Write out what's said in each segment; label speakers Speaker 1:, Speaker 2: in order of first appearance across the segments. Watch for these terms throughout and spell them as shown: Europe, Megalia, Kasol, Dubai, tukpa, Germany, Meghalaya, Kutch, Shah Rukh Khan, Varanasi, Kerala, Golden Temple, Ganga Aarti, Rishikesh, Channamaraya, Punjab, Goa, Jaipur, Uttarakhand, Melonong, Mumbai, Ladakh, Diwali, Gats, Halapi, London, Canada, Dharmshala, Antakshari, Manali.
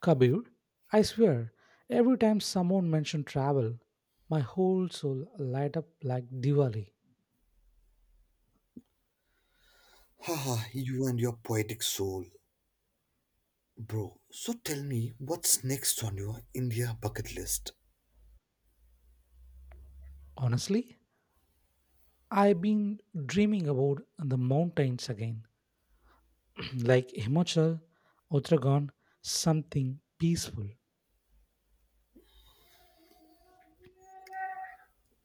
Speaker 1: Kabir, I swear, every time someone mentioned travel, my whole soul light up like Diwali.
Speaker 2: Haha, you and your poetic soul. Bro, so tell me, what's next on your India bucket list?
Speaker 1: Honestly, I've been dreaming about the mountains again, like Himachal, Uttarakhand, something peaceful.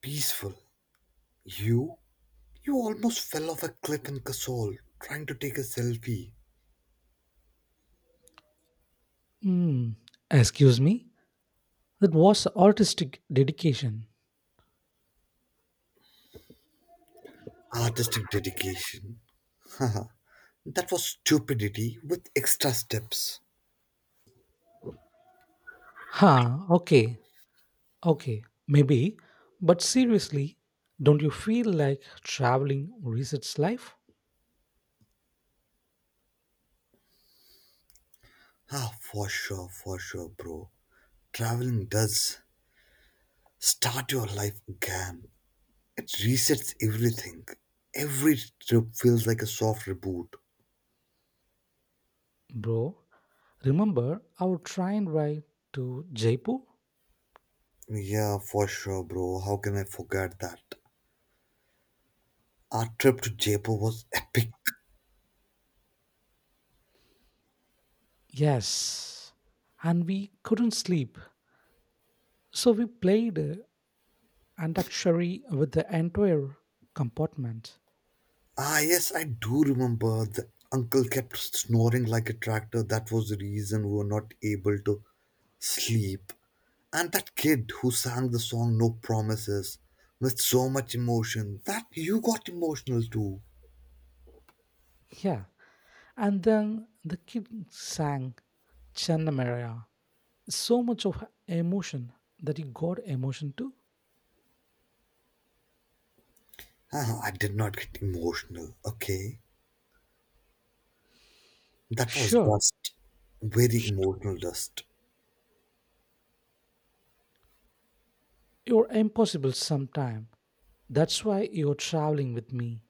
Speaker 2: Peaceful. You? You almost fell off a cliff in Kasol trying to take a selfie.
Speaker 1: Hmm, excuse me? That was artistic dedication.
Speaker 2: Artistic dedication. Haha, that was stupidity with extra steps.
Speaker 1: Huh, okay, okay, maybe. But seriously, don't you feel like traveling resets life?
Speaker 2: Ah, for sure, bro. Traveling does. Start your life again. It resets everything. Every trip feels like a soft reboot.
Speaker 1: Bro, remember our train ride to Jaipur?
Speaker 2: Yeah, for sure, bro. How can I forget that? Our trip to Jaipur was epic.
Speaker 1: Yes. And we couldn't sleep. So we played Antakshari with the entire compartment.
Speaker 2: Ah, yes, I do remember. The uncle kept snoring like a tractor. That was the reason we were not able to sleep. And that kid who sang the song No Promises with so much emotion that you got emotional too.
Speaker 1: Yeah. And then the kid sang Channamaraya. So much of emotion that he got emotion too.
Speaker 2: Ah, I did not get emotional, okay? That was
Speaker 1: Sure.
Speaker 2: dust. Very
Speaker 1: sh-
Speaker 2: emotional dust.
Speaker 1: You're impossible sometime. That's why you're traveling with me.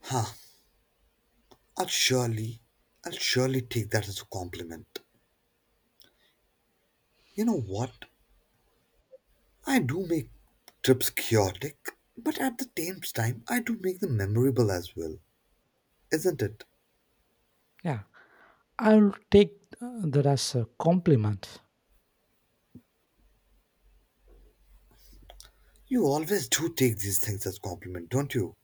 Speaker 2: Ha, I'll surely, I'll surely take that as a compliment. You know what? I do make trips chaotic, but at the same time, I do make them memorable as well, isn't it?
Speaker 1: Yeah. I'll take that as a compliment.
Speaker 2: You always do take these things as compliment, don't you?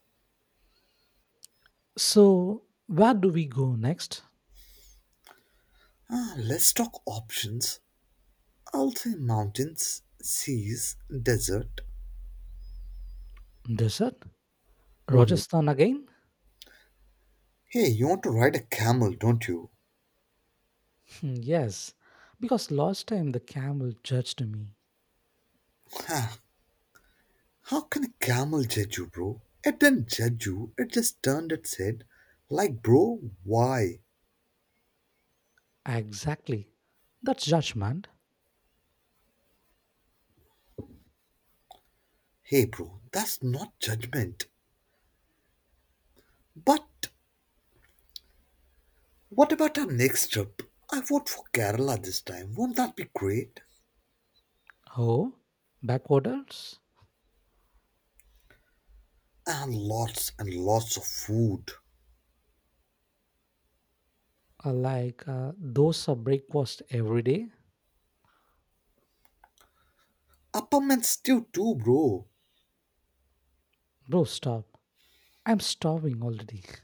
Speaker 1: So, where do we go next?
Speaker 2: Ah, let's talk options. I'll say mountains, seas, desert.
Speaker 1: Desert?
Speaker 2: Hmm.
Speaker 1: Rajasthan again?
Speaker 2: Hey, you want to ride a camel, don't you?
Speaker 1: Hmm, yes, because last time the camel judged me.
Speaker 2: Ha! How can a camel judge you, bro? It didn't judge you. It just turned and said, like, bro, why?
Speaker 1: Exactly. That's judgment.
Speaker 2: Hey, bro, that's not judgment. But what about our next trip? I vote for Kerala this time. Won't that be great?
Speaker 1: Oh, backwaters?
Speaker 2: And lots of food.
Speaker 1: Like those are breakfast every day?
Speaker 2: Appam and stew too, bro.
Speaker 1: Bro, stop. I'm starving already.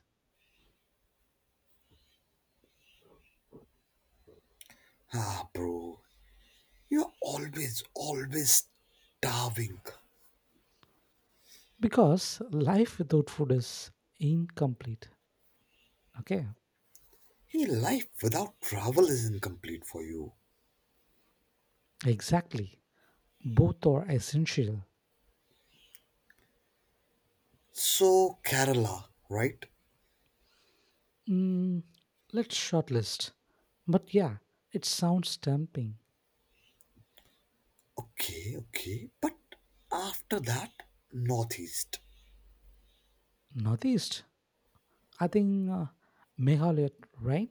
Speaker 2: Ah, bro, you're always, always starving.
Speaker 1: Because life without food is incomplete. Okay,
Speaker 2: Hey, life without travel is incomplete for you.
Speaker 1: exactly. Both are essential.
Speaker 2: So, Kerala, right?
Speaker 1: Mm, let's shortlist. But yeah, it sounds tempting.
Speaker 2: Okay, okay. But after that, Northeast.
Speaker 1: Northeast, I think Meghalaya, right?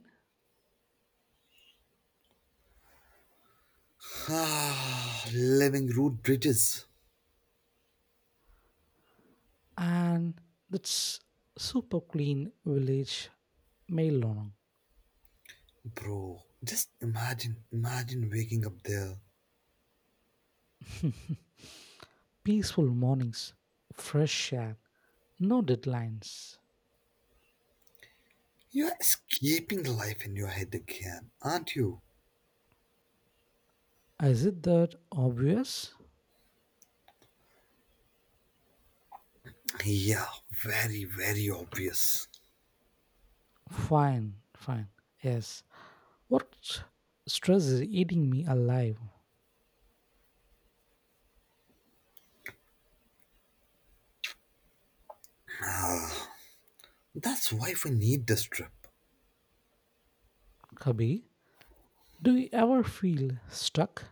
Speaker 2: Ah, living root bridges.
Speaker 1: And that's super clean village, Melonong.
Speaker 2: Bro, just imagine waking up there.
Speaker 1: Peaceful mornings, fresh air, no deadlines.
Speaker 2: You're escaping the life in your head again, aren't you?
Speaker 1: Is it that obvious?
Speaker 2: Yeah, very, very obvious.
Speaker 1: Fine, fine. Yes. What stress is eating me alive,
Speaker 2: That's why we need this trip.
Speaker 1: Kabi? Do you ever feel stuck?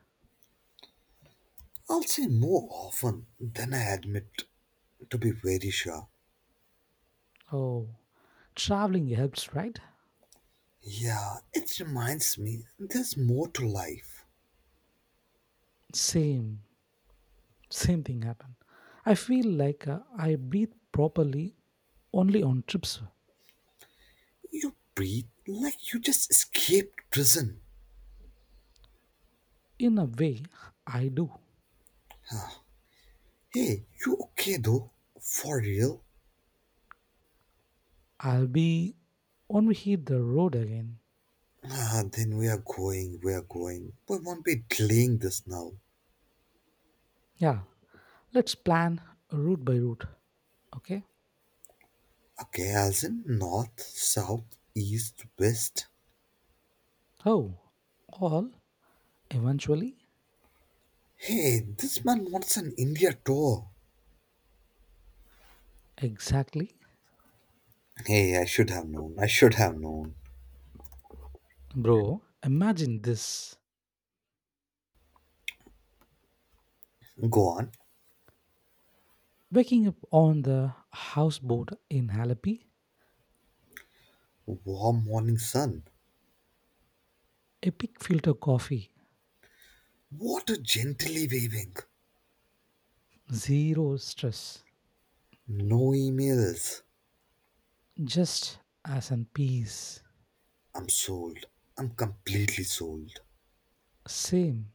Speaker 2: I'll say more often than I admit, to be very sure.
Speaker 1: Oh, traveling helps, right?
Speaker 2: Yeah, it reminds me there's more to life.
Speaker 1: Same, same thing happened. I feel like I breathe properly only on trips.
Speaker 2: You breathe like you just escaped prison.
Speaker 1: In a way, I do.
Speaker 2: Hey, you okay though? For real?
Speaker 1: I'll be when we hit the road again.
Speaker 2: Ah, then we are going. We won't be delaying this now.
Speaker 1: Yeah, let's plan route by route. Okay.
Speaker 2: Okay, as in north, south, east, west.
Speaker 1: Oh, all eventually,
Speaker 2: Hey, this man wants an India tour.
Speaker 1: exactly,
Speaker 2: Hey, I should have known.
Speaker 1: bro. Imagine this:
Speaker 2: Go on.
Speaker 1: waking up on the houseboat in Halapi,
Speaker 2: Warm morning sun.
Speaker 1: epic filter coffee,
Speaker 2: Water gently waving.
Speaker 1: zero stress.
Speaker 2: No emails.
Speaker 1: Just as in peace.
Speaker 2: I'm sold. I'm completely sold.
Speaker 1: Same.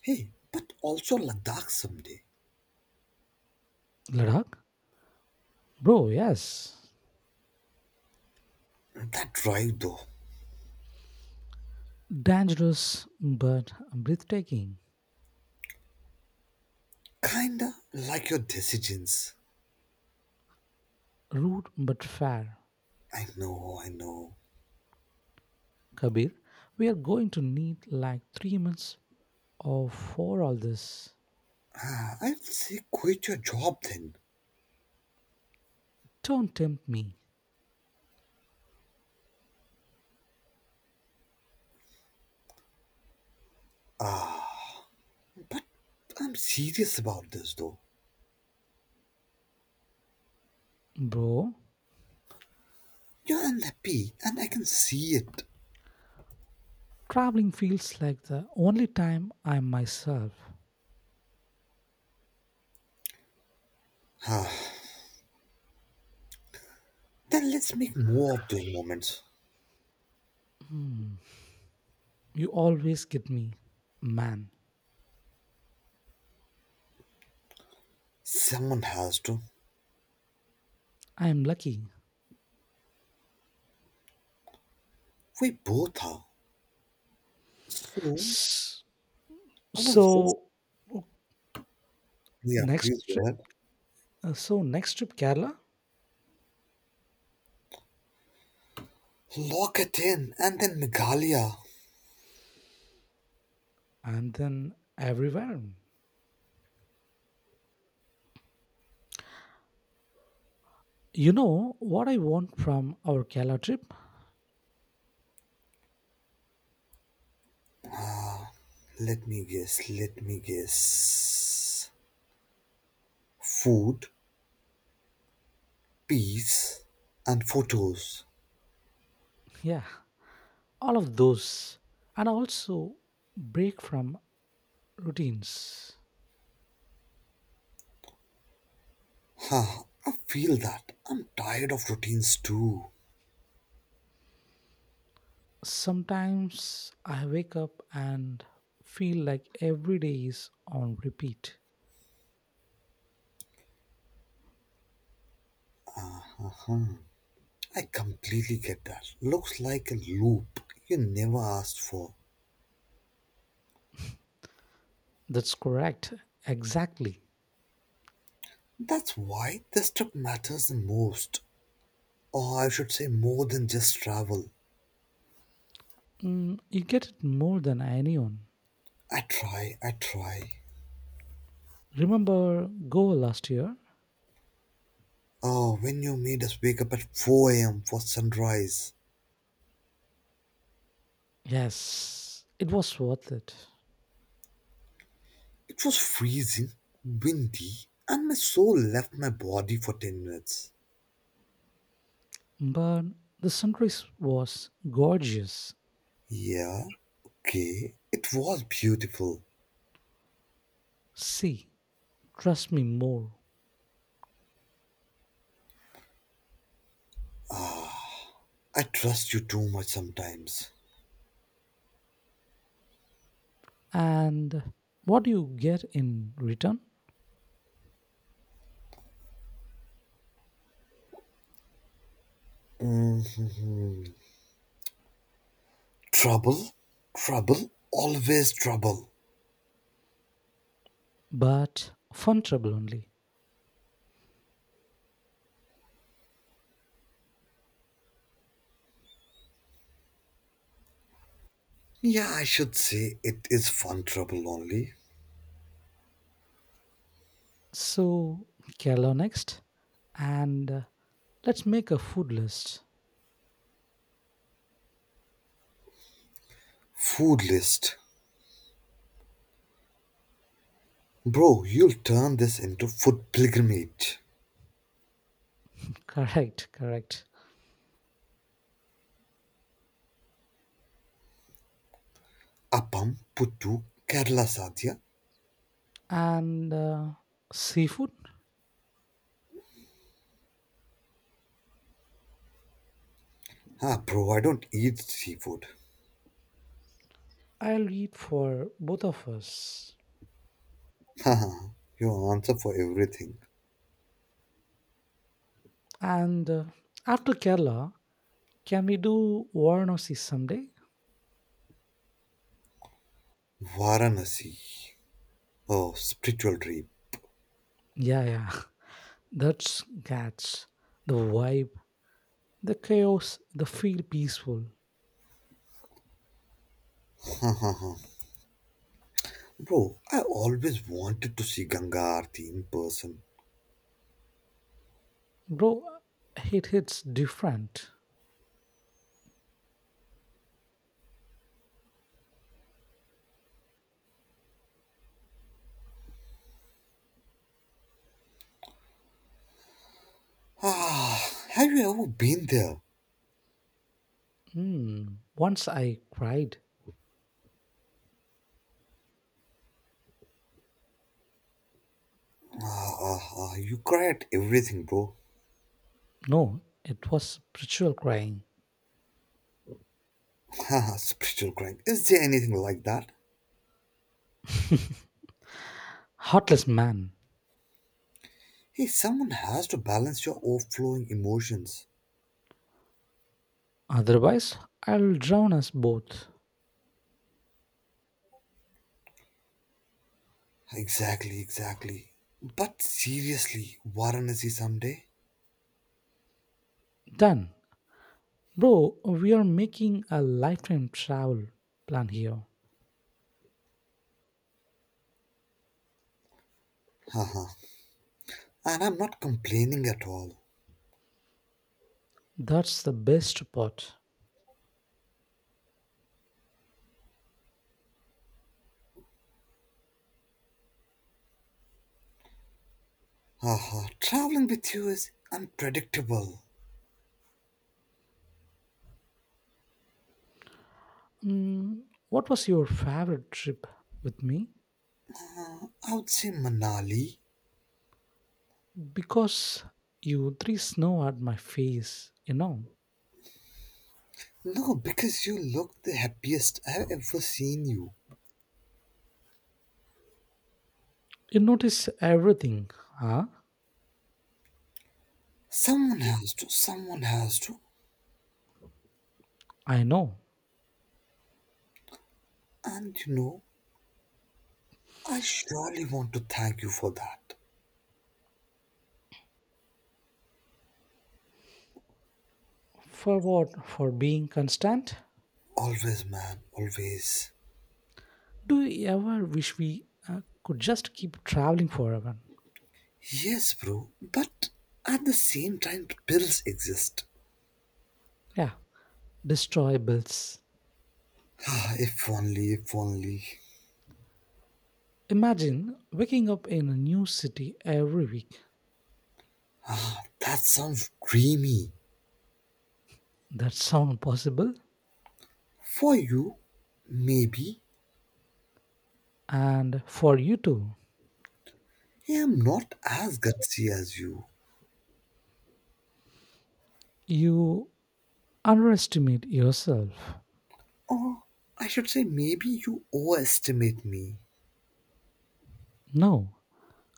Speaker 2: Hey, but also Ladakh someday.
Speaker 1: Ladakh? Bro, yes.
Speaker 2: That drive though.
Speaker 1: Dangerous but breathtaking.
Speaker 2: Kinda like your decisions.
Speaker 1: Rude but fair.
Speaker 2: I know, I know.
Speaker 1: Kabir, we are going to need like 3 months of for all this.
Speaker 2: Ah, I'd say quit your job then.
Speaker 1: Don't tempt me.
Speaker 2: But I'm serious about this though.
Speaker 1: Bro,
Speaker 2: You're unhappy and I can see it.
Speaker 1: traveling feels like the only time I'm myself.
Speaker 2: Then let's make more of those moments.
Speaker 1: Hmm. You always get me. Man,
Speaker 2: Someone has to.
Speaker 1: I am lucky.
Speaker 2: We both are. So,
Speaker 1: S-
Speaker 2: I was just.
Speaker 1: So,
Speaker 2: Yeah,
Speaker 1: next
Speaker 2: please go ahead.
Speaker 1: so next trip Kerala
Speaker 2: Lock it in and then Megalia.
Speaker 1: and then everywhere. You know what I want from our Kerala trip?
Speaker 2: Let me guess. Food, peace, and photos.
Speaker 1: Yeah, all of those. And also break from routines.
Speaker 2: Huh, I feel that. I'm tired of routines too.
Speaker 1: Sometimes I wake up and feel like every day is on repeat.
Speaker 2: I completely get that. Looks like a loop you never asked for.
Speaker 1: That's correct. Exactly.
Speaker 2: That's why this trip matters the most. Or I should say, more than just travel.
Speaker 1: You get it more than anyone.
Speaker 2: I try, I try.
Speaker 1: Remember Goa last year?
Speaker 2: Oh, when you made us wake up at 4 a.m. for sunrise,
Speaker 1: Yes, it was worth it.
Speaker 2: it was freezing, windy, and my soul left my body for 10 minutes.
Speaker 1: But the sunrise was gorgeous.
Speaker 2: Yeah, okay, it was beautiful.
Speaker 1: See, trust me more.
Speaker 2: I trust you too much sometimes.
Speaker 1: And what do you get in return?
Speaker 2: Hmm, trouble? Trouble? Always trouble.
Speaker 1: But fun trouble only.
Speaker 2: Yeah, I should say it is fun trouble only.
Speaker 1: So, Kerala next. And let's make a food list.
Speaker 2: Food list. Bro, you'll turn this into food pilgrimage.
Speaker 1: Correct, correct.
Speaker 2: Appam, puttu, Kerala sadhya.
Speaker 1: And seafood?
Speaker 2: Ah, bro, I don't eat seafood.
Speaker 1: I'll read for both of us.
Speaker 2: Haha, your answer for everything.
Speaker 1: And after Kerala, can we do Varanasi someday?
Speaker 2: Varanasi. Oh, spiritual dream.
Speaker 1: Yeah, yeah. That's Gats. The vibe, the chaos, the feel peaceful.
Speaker 2: Bro, I always wanted to see Ganga Aarti in person.
Speaker 1: Bro, it hits different.
Speaker 2: Ah, have you ever been there?
Speaker 1: Hmm. Once I cried.
Speaker 2: Ah, ah, ah, you cry at everything, bro.
Speaker 1: No, it was spiritual crying.
Speaker 2: Haha, spiritual crying. Is there anything like that?
Speaker 1: Heartless man.
Speaker 2: Hey, someone has to balance your overflowing emotions.
Speaker 1: Otherwise, I'll drown us both.
Speaker 2: Exactly, exactly. But seriously, Varanasi someday?
Speaker 1: Done. Bro, we are making a lifetime travel plan here.
Speaker 2: Haha. And I'm not complaining at all.
Speaker 1: That's the best part.
Speaker 2: Haha, traveling with you is unpredictable.
Speaker 1: Mm, what was your favorite trip with me?
Speaker 2: I would say Manali.
Speaker 1: Because you three snow at my face, you know.
Speaker 2: No, because you look the happiest I've ever seen you.
Speaker 1: You notice everything, huh?
Speaker 2: Someone has to, someone has to.
Speaker 1: I know.
Speaker 2: And you know, I surely want to thank you for that.
Speaker 1: For what? For being constant?
Speaker 2: Always, man, always.
Speaker 1: Do you ever wish we could just keep traveling forever?
Speaker 2: Yes, bro, but at the same time, pills exist.
Speaker 1: Yeah, destroy bills.
Speaker 2: Ah, if only, if only.
Speaker 1: Imagine waking up in a new city every week.
Speaker 2: That sounds dreamy.
Speaker 1: That sound possible?
Speaker 2: For you, maybe.
Speaker 1: And for you too.
Speaker 2: I am not as gutsy as you.
Speaker 1: You underestimate yourself.
Speaker 2: I should say, maybe you overestimate me.
Speaker 1: No,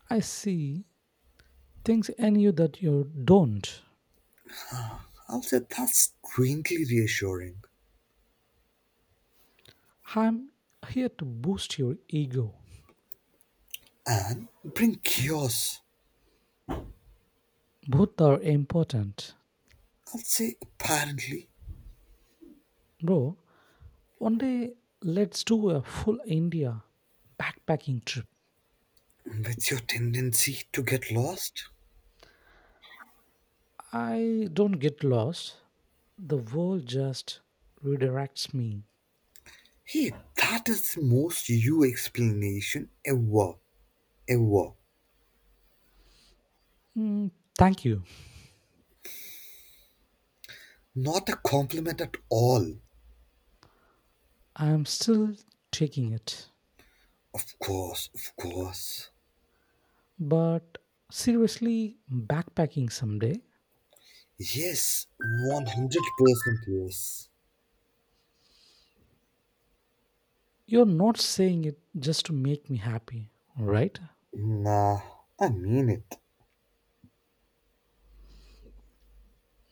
Speaker 1: I see things in you that you don't.
Speaker 2: I'll say that's strangely reassuring.
Speaker 1: I'm here to boost your ego.
Speaker 2: And bring chaos.
Speaker 1: Both are important.
Speaker 2: I'll say, apparently.
Speaker 1: Bro, one day let's do a full India backpacking trip.
Speaker 2: That's your tendency to get lost?
Speaker 1: I don't get lost. The world just redirects me.
Speaker 2: Hey, that is the most you explanation ever, ever.
Speaker 1: Mm, thank you.
Speaker 2: Not a compliment at all.
Speaker 1: I'm still taking it.
Speaker 2: Of course, of course.
Speaker 1: But seriously, backpacking someday,
Speaker 2: Yes, 100% yes.
Speaker 1: you're not saying it just to make me happy, right?
Speaker 2: Nah, I mean it.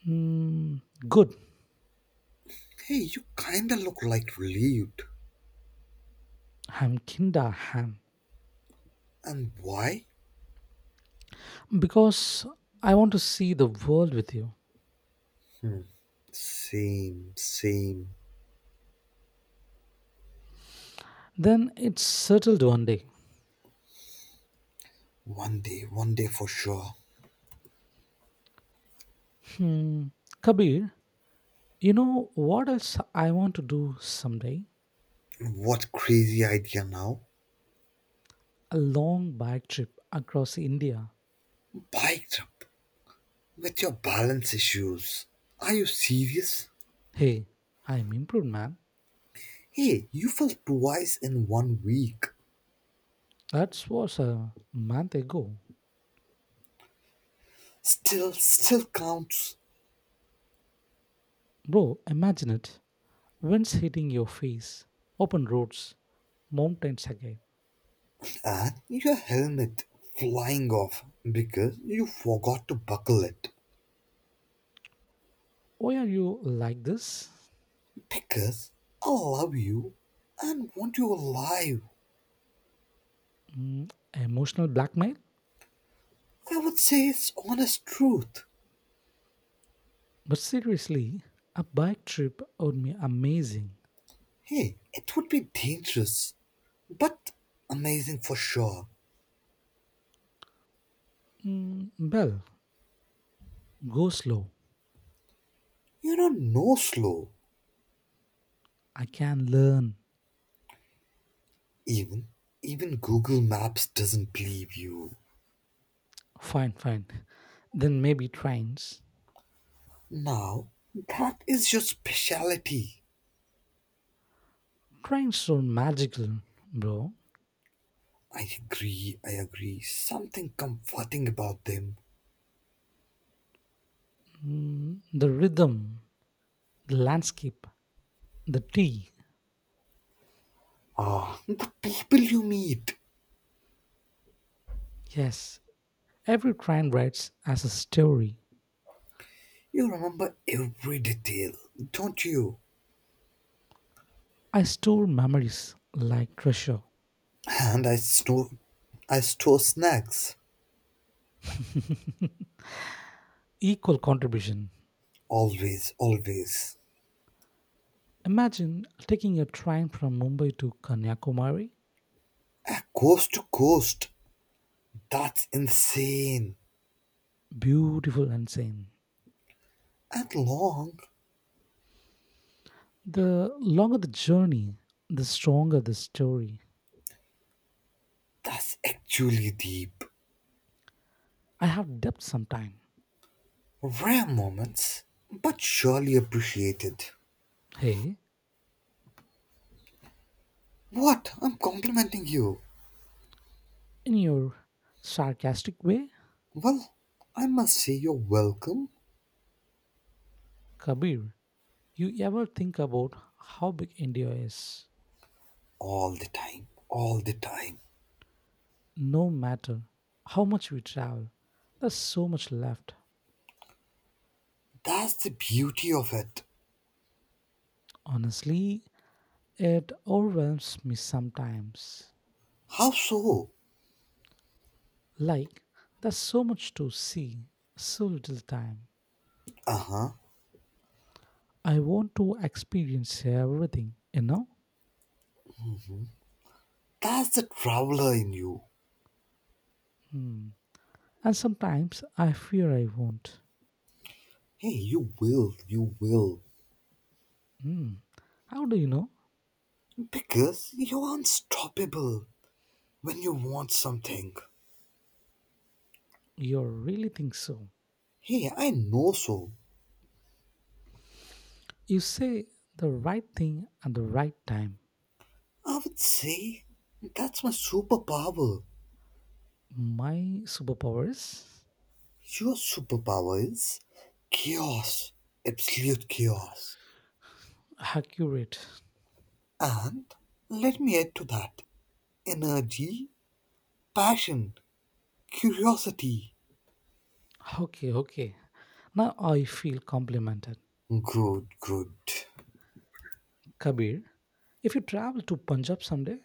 Speaker 1: Mm, good.
Speaker 2: Hey, you kinda look like relieved.
Speaker 1: I'm kinda ham.
Speaker 2: And why?
Speaker 1: Because I want to see the world with you.
Speaker 2: Same, same.
Speaker 1: Then it's settled one day.
Speaker 2: One day for sure.
Speaker 1: Hmm. Kabir, you know what else I want to do someday?
Speaker 2: What crazy idea now?
Speaker 1: A long bike trip across India.
Speaker 2: Bike trip. With your balance issues. Are you serious?
Speaker 1: Hey, I'm improved, man.
Speaker 2: Hey, you fell twice in one week.
Speaker 1: That was a month ago.
Speaker 2: Still, still counts.
Speaker 1: Bro, imagine it. Winds hitting your face, open roads, mountains again.
Speaker 2: And your helmet flying off because you forgot to buckle it.
Speaker 1: Why are you like this?
Speaker 2: Because I love you and want you alive.
Speaker 1: Emotional blackmail?
Speaker 2: I would say it's honest truth.
Speaker 1: But seriously, a bike trip would be amazing.
Speaker 2: Hey, it would be dangerous, but amazing for sure.
Speaker 1: Well, go slow.
Speaker 2: You don't know slow.
Speaker 1: I can learn.
Speaker 2: Even even Google Maps doesn't believe you.
Speaker 1: Fine, fine. Then maybe trains.
Speaker 2: Now, that is your specialty.
Speaker 1: Trains are magical, bro.
Speaker 2: I agree, I agree. Something comforting about them.
Speaker 1: The rhythm, the landscape, the tea.
Speaker 2: Ah, the people you meet.
Speaker 1: Yes, every train writes as a story.
Speaker 2: You remember every detail, don't you?
Speaker 1: I store memories like treasure.
Speaker 2: And I store snacks.
Speaker 1: Equal contribution.
Speaker 2: Always, always.
Speaker 1: Imagine taking a train from Mumbai to Kanyakumari.
Speaker 2: Ah, coast to coast. That's insane.
Speaker 1: Beautiful and sane.
Speaker 2: And long.
Speaker 1: The longer the journey, the stronger the story.
Speaker 2: That's actually deep.
Speaker 1: I have depth sometime.
Speaker 2: Rare moments, but surely appreciated.
Speaker 1: Hey,
Speaker 2: What? I'm complimenting you.
Speaker 1: in your sarcastic way,
Speaker 2: Well, I must say you're welcome
Speaker 1: Kabir, you ever think about how big India is?
Speaker 2: all the time, all the time.
Speaker 1: No matter how much we travel, there's so much left.
Speaker 2: That's the beauty of it.
Speaker 1: Honestly, it overwhelms me sometimes.
Speaker 2: How so?
Speaker 1: Like, there's so much to see, so little time.
Speaker 2: Uh huh.
Speaker 1: I want to experience everything, you know?
Speaker 2: That's the traveler in you.
Speaker 1: Hmm. And sometimes I fear I won't.
Speaker 2: Hey, you will, you will.
Speaker 1: Hmm. How do you know?
Speaker 2: Because you're unstoppable when you want something.
Speaker 1: You really think so.
Speaker 2: Hey, I know so.
Speaker 1: You say the right thing at the right time.
Speaker 2: I would say that's my superpower.
Speaker 1: My superpower is
Speaker 2: Your superpower is chaos, absolute chaos.
Speaker 1: accurate.
Speaker 2: And let me add to that energy, passion, curiosity.
Speaker 1: Okay, okay. Now I feel complimented.
Speaker 2: Good, good.
Speaker 1: Kabir, if you travel to Punjab someday,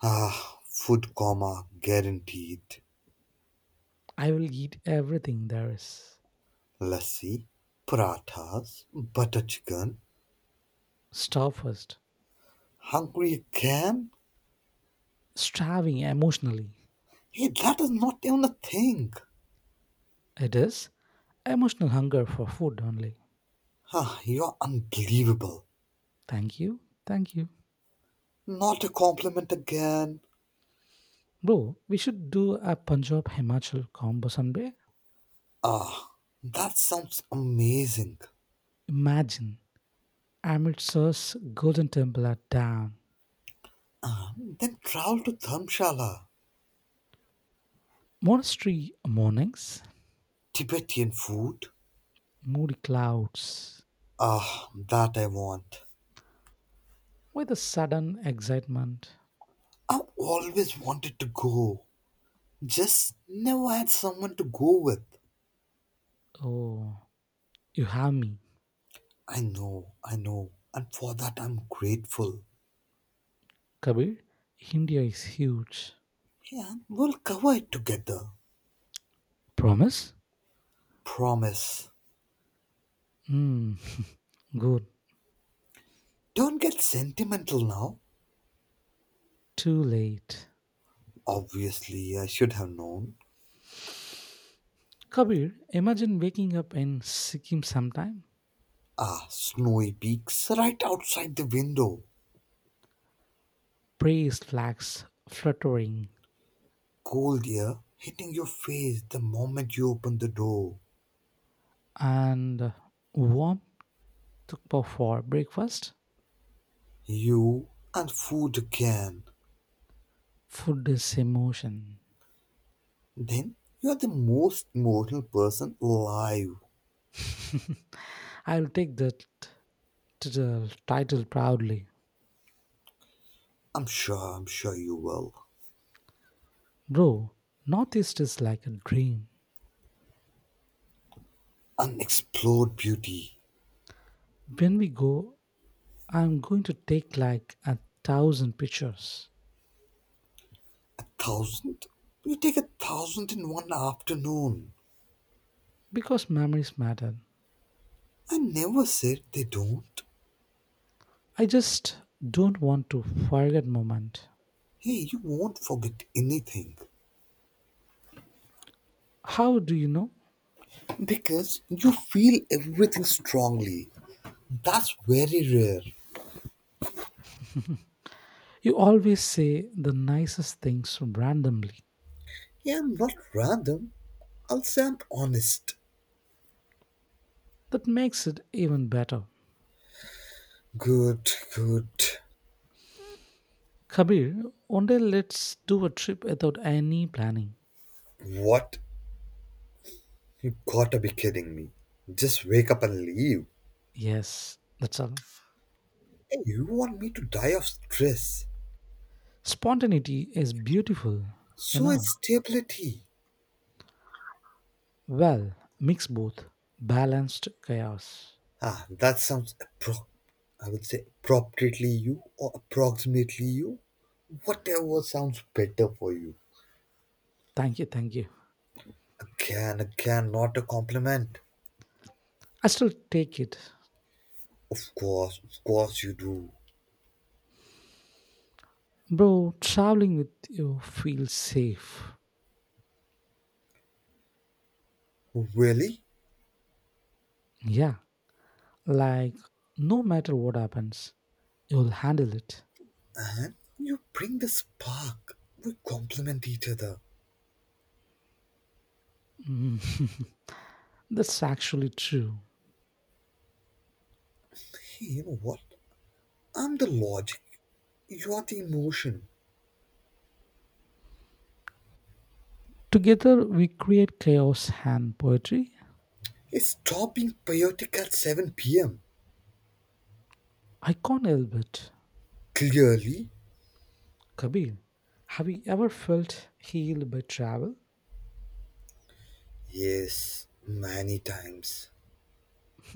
Speaker 2: Ah, food coma guaranteed.
Speaker 1: I will eat everything there is.
Speaker 2: Lassi, parathas, butter chicken.
Speaker 1: Starve first.
Speaker 2: Hungry again?
Speaker 1: Starving emotionally.
Speaker 2: Hey, that is not even a thing.
Speaker 1: It is emotional hunger for food only.
Speaker 2: Ah, you're unbelievable.
Speaker 1: Thank you. Thank you.
Speaker 2: Not a compliment again.
Speaker 1: Bro, we should do a Punjab Himachal combo someday.
Speaker 2: Ah, that sounds amazing.
Speaker 1: Imagine Amritsar's Golden Temple at dawn,
Speaker 2: Then travel to Dharmshala.
Speaker 1: monastery mornings,
Speaker 2: Tibetan food?
Speaker 1: moody clouds,
Speaker 2: Ah, that I want.
Speaker 1: with a sudden excitement.
Speaker 2: I've always wanted to go, just never had someone to go with.
Speaker 1: Oh, you have me,
Speaker 2: I know, and for that I'm grateful.
Speaker 1: Kabir. India is huge.
Speaker 2: Yeah, we'll cover it together.
Speaker 1: Promise?
Speaker 2: Promise.
Speaker 1: Hmm. Good.
Speaker 2: Don't get sentimental now.
Speaker 1: Too late.
Speaker 2: Obviously, I should have known.
Speaker 1: Kabir, imagine waking up in Sikkim sometime,
Speaker 2: Ah, snowy peaks right outside the window.
Speaker 1: praise flags fluttering,
Speaker 2: Cold air hitting your face the moment you open the door.
Speaker 1: and warm tukpa for breakfast.
Speaker 2: You and food again.
Speaker 1: Food is emotion.
Speaker 2: Then you are the most emotional person alive.
Speaker 1: I'll take the title proudly.
Speaker 2: I'm sure you will.
Speaker 1: Bro, Northeast is like a dream.
Speaker 2: Unexplored beauty.
Speaker 1: When we go, I'm going to take like a 1,000 pictures
Speaker 2: A thousand? You take a thousand in one afternoon.
Speaker 1: because memories matter.
Speaker 2: I never said they don't.
Speaker 1: I just don't want to forget moment.
Speaker 2: Hey, you won't forget anything.
Speaker 1: How do you know?
Speaker 2: Because you feel everything strongly. That's very rare.
Speaker 1: You always say the nicest things randomly.
Speaker 2: Yeah, I'm not random. I'll say I'm honest.
Speaker 1: That makes it even better.
Speaker 2: Good, good.
Speaker 1: Kabir, one day let's do a trip without any planning.
Speaker 2: What? You gotta be kidding me. Just wake up and leave.
Speaker 1: Yes, that's all.
Speaker 2: Hey, you want me to die of stress?
Speaker 1: Spontaneity is beautiful, you
Speaker 2: So is
Speaker 1: know.
Speaker 2: stability.
Speaker 1: Well, mix both. Balanced chaos.
Speaker 2: Ah, that sounds appro- I would say appropriately you or approximately you. Whatever sounds better for you.
Speaker 1: Thank you, thank you.
Speaker 2: Again, again, not a compliment.
Speaker 1: I still take it.
Speaker 2: Of course you do.
Speaker 1: Bro, traveling with you feels safe.
Speaker 2: Really?
Speaker 1: Yeah, like no matter what happens, you'll handle it.
Speaker 2: And you bring the spark. We complement each other.
Speaker 1: That's actually true.
Speaker 2: Hey, you know what? I'm the logic. You're the emotion.
Speaker 1: Together we create chaos and poetry.
Speaker 2: It's stop being chaotic at 7 pm.
Speaker 1: I can't.
Speaker 2: Clearly?
Speaker 1: Kabir, have you ever felt healed by travel?
Speaker 2: Yes, many times.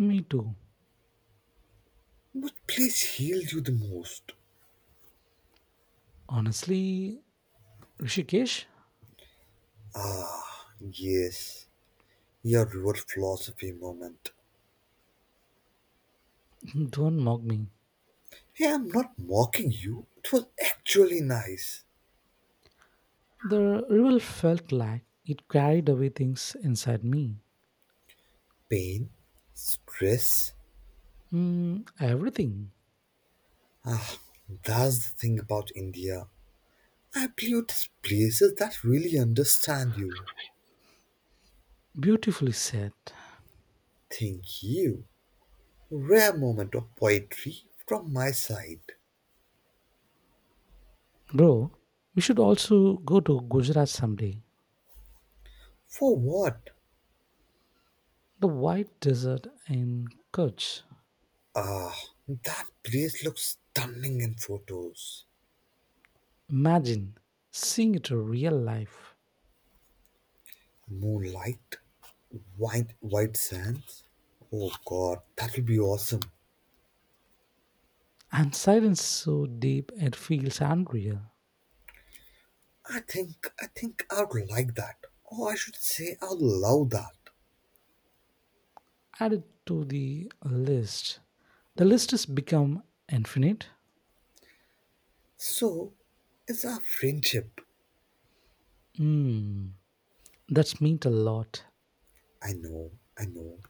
Speaker 1: Me too.
Speaker 2: What place healed you the most?
Speaker 1: Honestly, Rishikesh,
Speaker 2: Yes, your river philosophy moment.
Speaker 1: don't mock me.
Speaker 2: Hey, I'm not mocking you. It was actually nice.
Speaker 1: The river felt like it carried away things inside me.
Speaker 2: Pain, stress.
Speaker 1: Mm, everything.
Speaker 2: Ah, that's the thing about India. I believe there's places that really understand you.
Speaker 1: Beautifully said.
Speaker 2: Thank you. Rare moment of poetry from my side.
Speaker 1: Bro, we should also go to Gujarat someday.
Speaker 2: For what?
Speaker 1: The white desert in Kutch.
Speaker 2: Ah, that place looks stunning in photos.
Speaker 1: Imagine seeing it in real life
Speaker 2: Moonlight, white white sands. Oh God, that'll be awesome.
Speaker 1: and silence so deep it feels unreal.
Speaker 2: I think I would like that. Or I should say I would love that.
Speaker 1: Add it to the list. The list has become infinite.
Speaker 2: So, it's our friendship.
Speaker 1: Hmm, that's meant a lot.
Speaker 2: I know, I know.